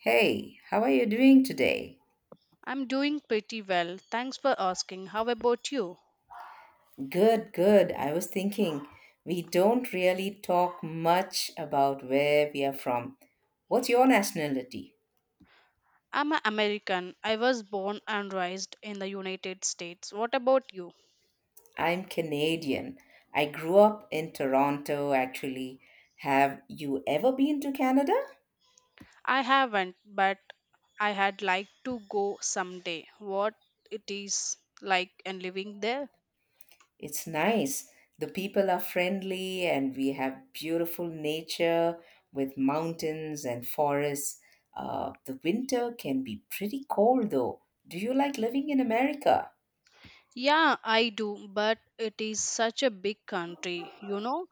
Hey, how are you doing today? I'm doing pretty well. Thanks for asking. How about you? Good, good. I was thinking we don't really talk much about where we are from. What's your nationality? I'm an American. I was born and raised in the United States. What about you? I'm Canadian. I grew up in Toronto, actually. Have you ever been to Canada? I haven't, but I had like to go someday. What it is like and living there? It's nice. The people are friendly, and we have beautiful nature with mountains and forests. The winter can be pretty cold, though. Do you like living in America? Yeah, I do, but it is such a big country, you know.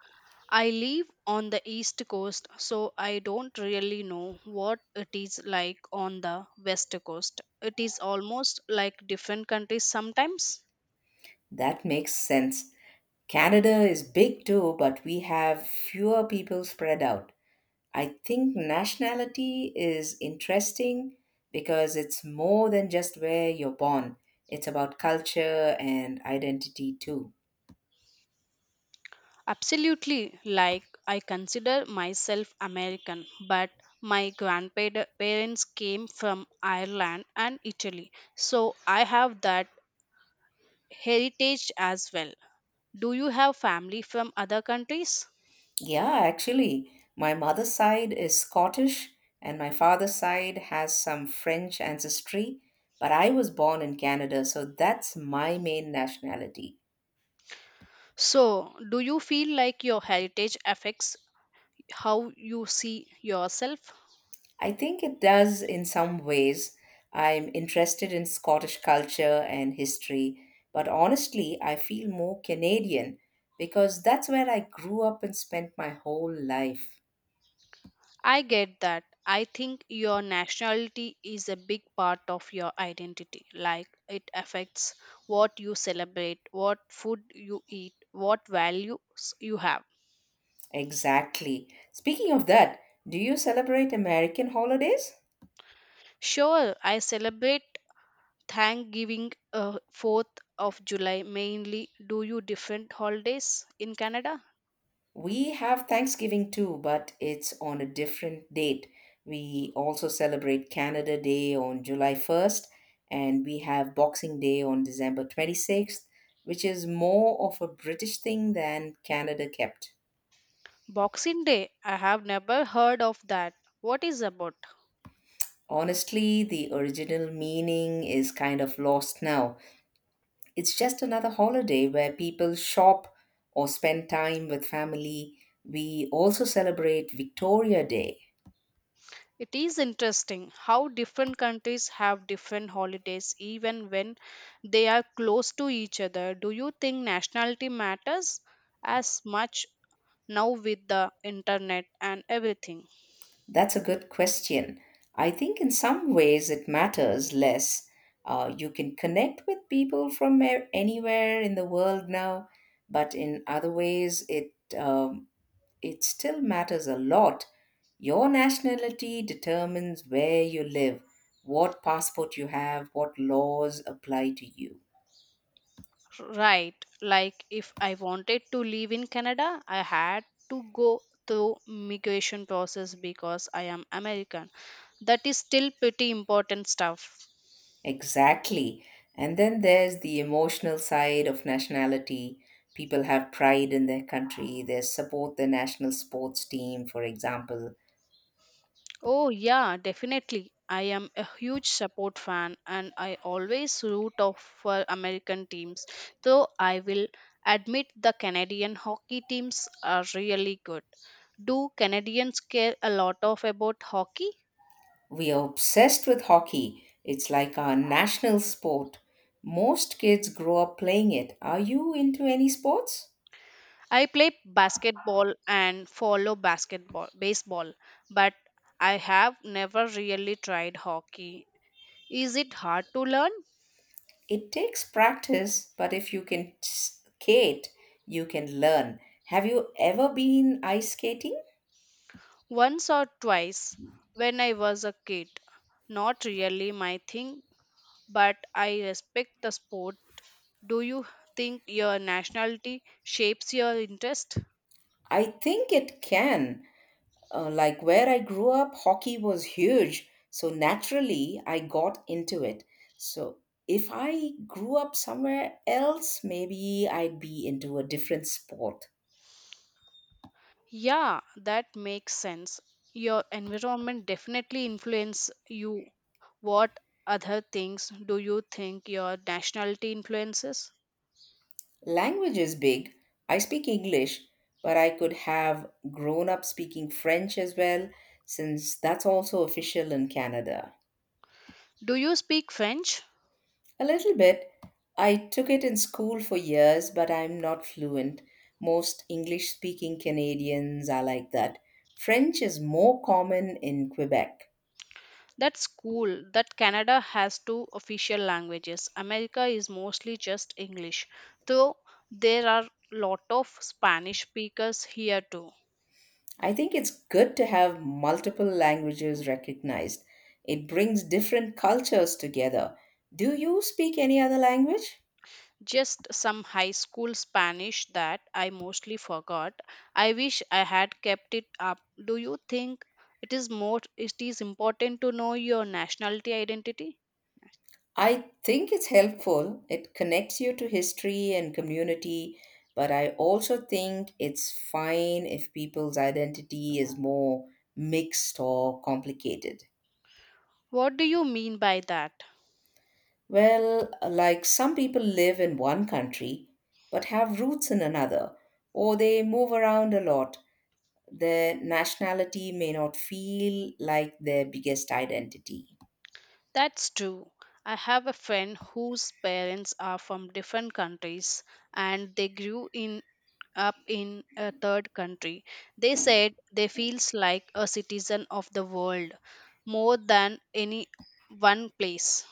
I live on the east coast, so I don't really know what it is like on the west coast. It is almost like different countries sometimes. That makes sense. Canada is big too, but we have fewer people spread out. I think nationality is interesting because it's more than just where you're born, it's about culture and identity too. Absolutely, like I consider myself American, but my grandparents came from Ireland and Italy, so I have that heritage as well. Do you have family from other countries? Yeah, actually, my mother's side is Scottish and my father's side has some French ancestry, but I was born in Canada, so that's my main nationality. So, do you feel like your heritage affects how you see yourself. I think it does in some ways. I'm interested in Scottish culture and history, but honestly, I feel more Canadian because that's where I grew up and spent my whole life. I get that. I think your nationality is a big part of your identity. Like it affects what you celebrate, what food you eat, what values you have. Exactly. Speaking of that, do you celebrate American holidays? Sure, I celebrate Thanksgiving, 4th of July mainly. Do you different holidays in Canada? We have Thanksgiving too, but it's on a different date. We also celebrate Canada Day on July 1st, and we have Boxing Day on December 26th, which is more of a British thing than Canada kept. Boxing Day, I have never heard of that. What is about? Honestly, the original meaning is kind of lost now. It's just another holiday where people shop or spend time with family. We also celebrate Victoria Day. It is interesting how different countries have different holidays even when they are close to each other. Do you think nationality matters as much now with the internet and everything? That's a good question. I think in some ways it matters less. You can connect with people from anywhere in the world now, but in other ways it still matters a lot. Your nationality determines where you live, what passport you have, what laws apply to you. Right, like if I wanted to live in Canada, I had to go through migration process because I am American. That is still pretty important stuff. Exactly. And then there's the emotional side of nationality. People have pride in their country, they support their national sports team, for example. Oh, yeah, definitely. I am a huge support fan and I always root out for American teams, though I will admit the Canadian hockey teams are really good. Do Canadians care a lot of about hockey? We are obsessed with hockey, it's like our national sport. Most kids grow up playing it. Are you into any sports? I play basketball and follow basketball baseball, but I have never really tried hockey. Is it hard to learn? It takes practice, but if you can skate, you can learn. Have you ever been ice skating? Once or twice when I was a kid. Not really my thing, but I respect the sport. Do you think your nationality shapes your interest? I think it can. Like where I grew up, hockey was huge. So naturally, I got into it. So if I grew up somewhere else, maybe I'd be into a different sport. Yeah, that makes sense. Your environment definitely influence you. What other things do you think your nationality influences? Language is big. I speak English, but I could have grown up speaking French as well, since that's also official in Canada. Do you speak French? A little bit. I took it in school for years, but I'm not fluent. Most English speaking Canadians are like that. French is more common in Quebec. That's cool that Canada has two official languages. America is mostly just English, though there are lot of Spanish speakers here too. I think it's good to have multiple languages recognized. It brings different cultures together. Do you speak any other language? Just some high school Spanish that I mostly forgot. I wish I had kept it up. Do you think it is more it is important to know your nationality identity? I think it's helpful. It connects you to history and community, but I also think it's fine if people's identity is more mixed or complicated. What do you mean by that? Well, like some people live in one country but have roots in another, or they move around a lot. Their nationality may not feel like their biggest identity. That's true. I have a friend whose parents are from different countries and they grew in up in a third country. They said they feels like a citizen of the world more than any one place.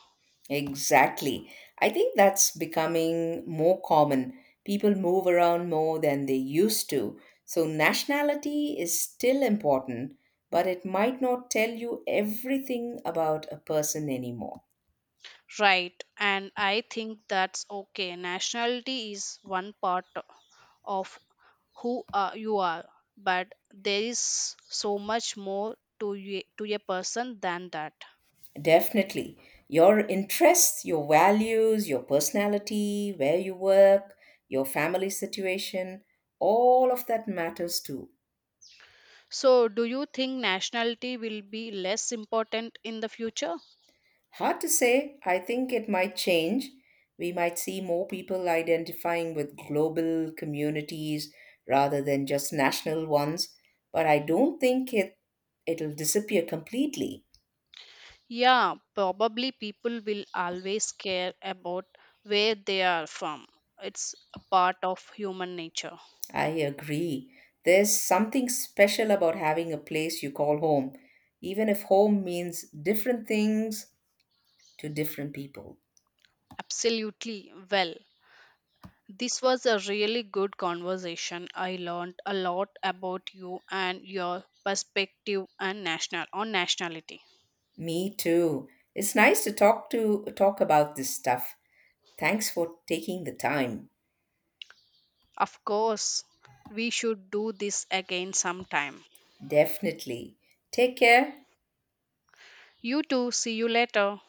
Exactly. I think that's becoming more common. People move around more than they used to. So, nationality is still important, but it might not tell you everything about a person anymore. Right, and I think that's okay. Nationality is one part of who are, you are, but there is so much more to you, to a person than that. Definitely. Your interests, your values, your personality, where you work, your family situation, all of that matters too. So, do you think nationality will be less important in the future? Hard to say. I think it might change. We might see more people identifying with global communities rather than just national ones, but I don't think it'll disappear completely. Yeah, probably people will always care about where they are from. It's a part of human nature. I agree. There's something special about having a place you call home, even if home means different things to different people. Absolutely. Well, this was a really good conversation. I learned a lot about you and your perspective and national on nationality. Me too. It's nice to talk about this stuff. Thanks for taking the time. Of course, we should do this again sometime. Definitely. Take care. You too. See you later.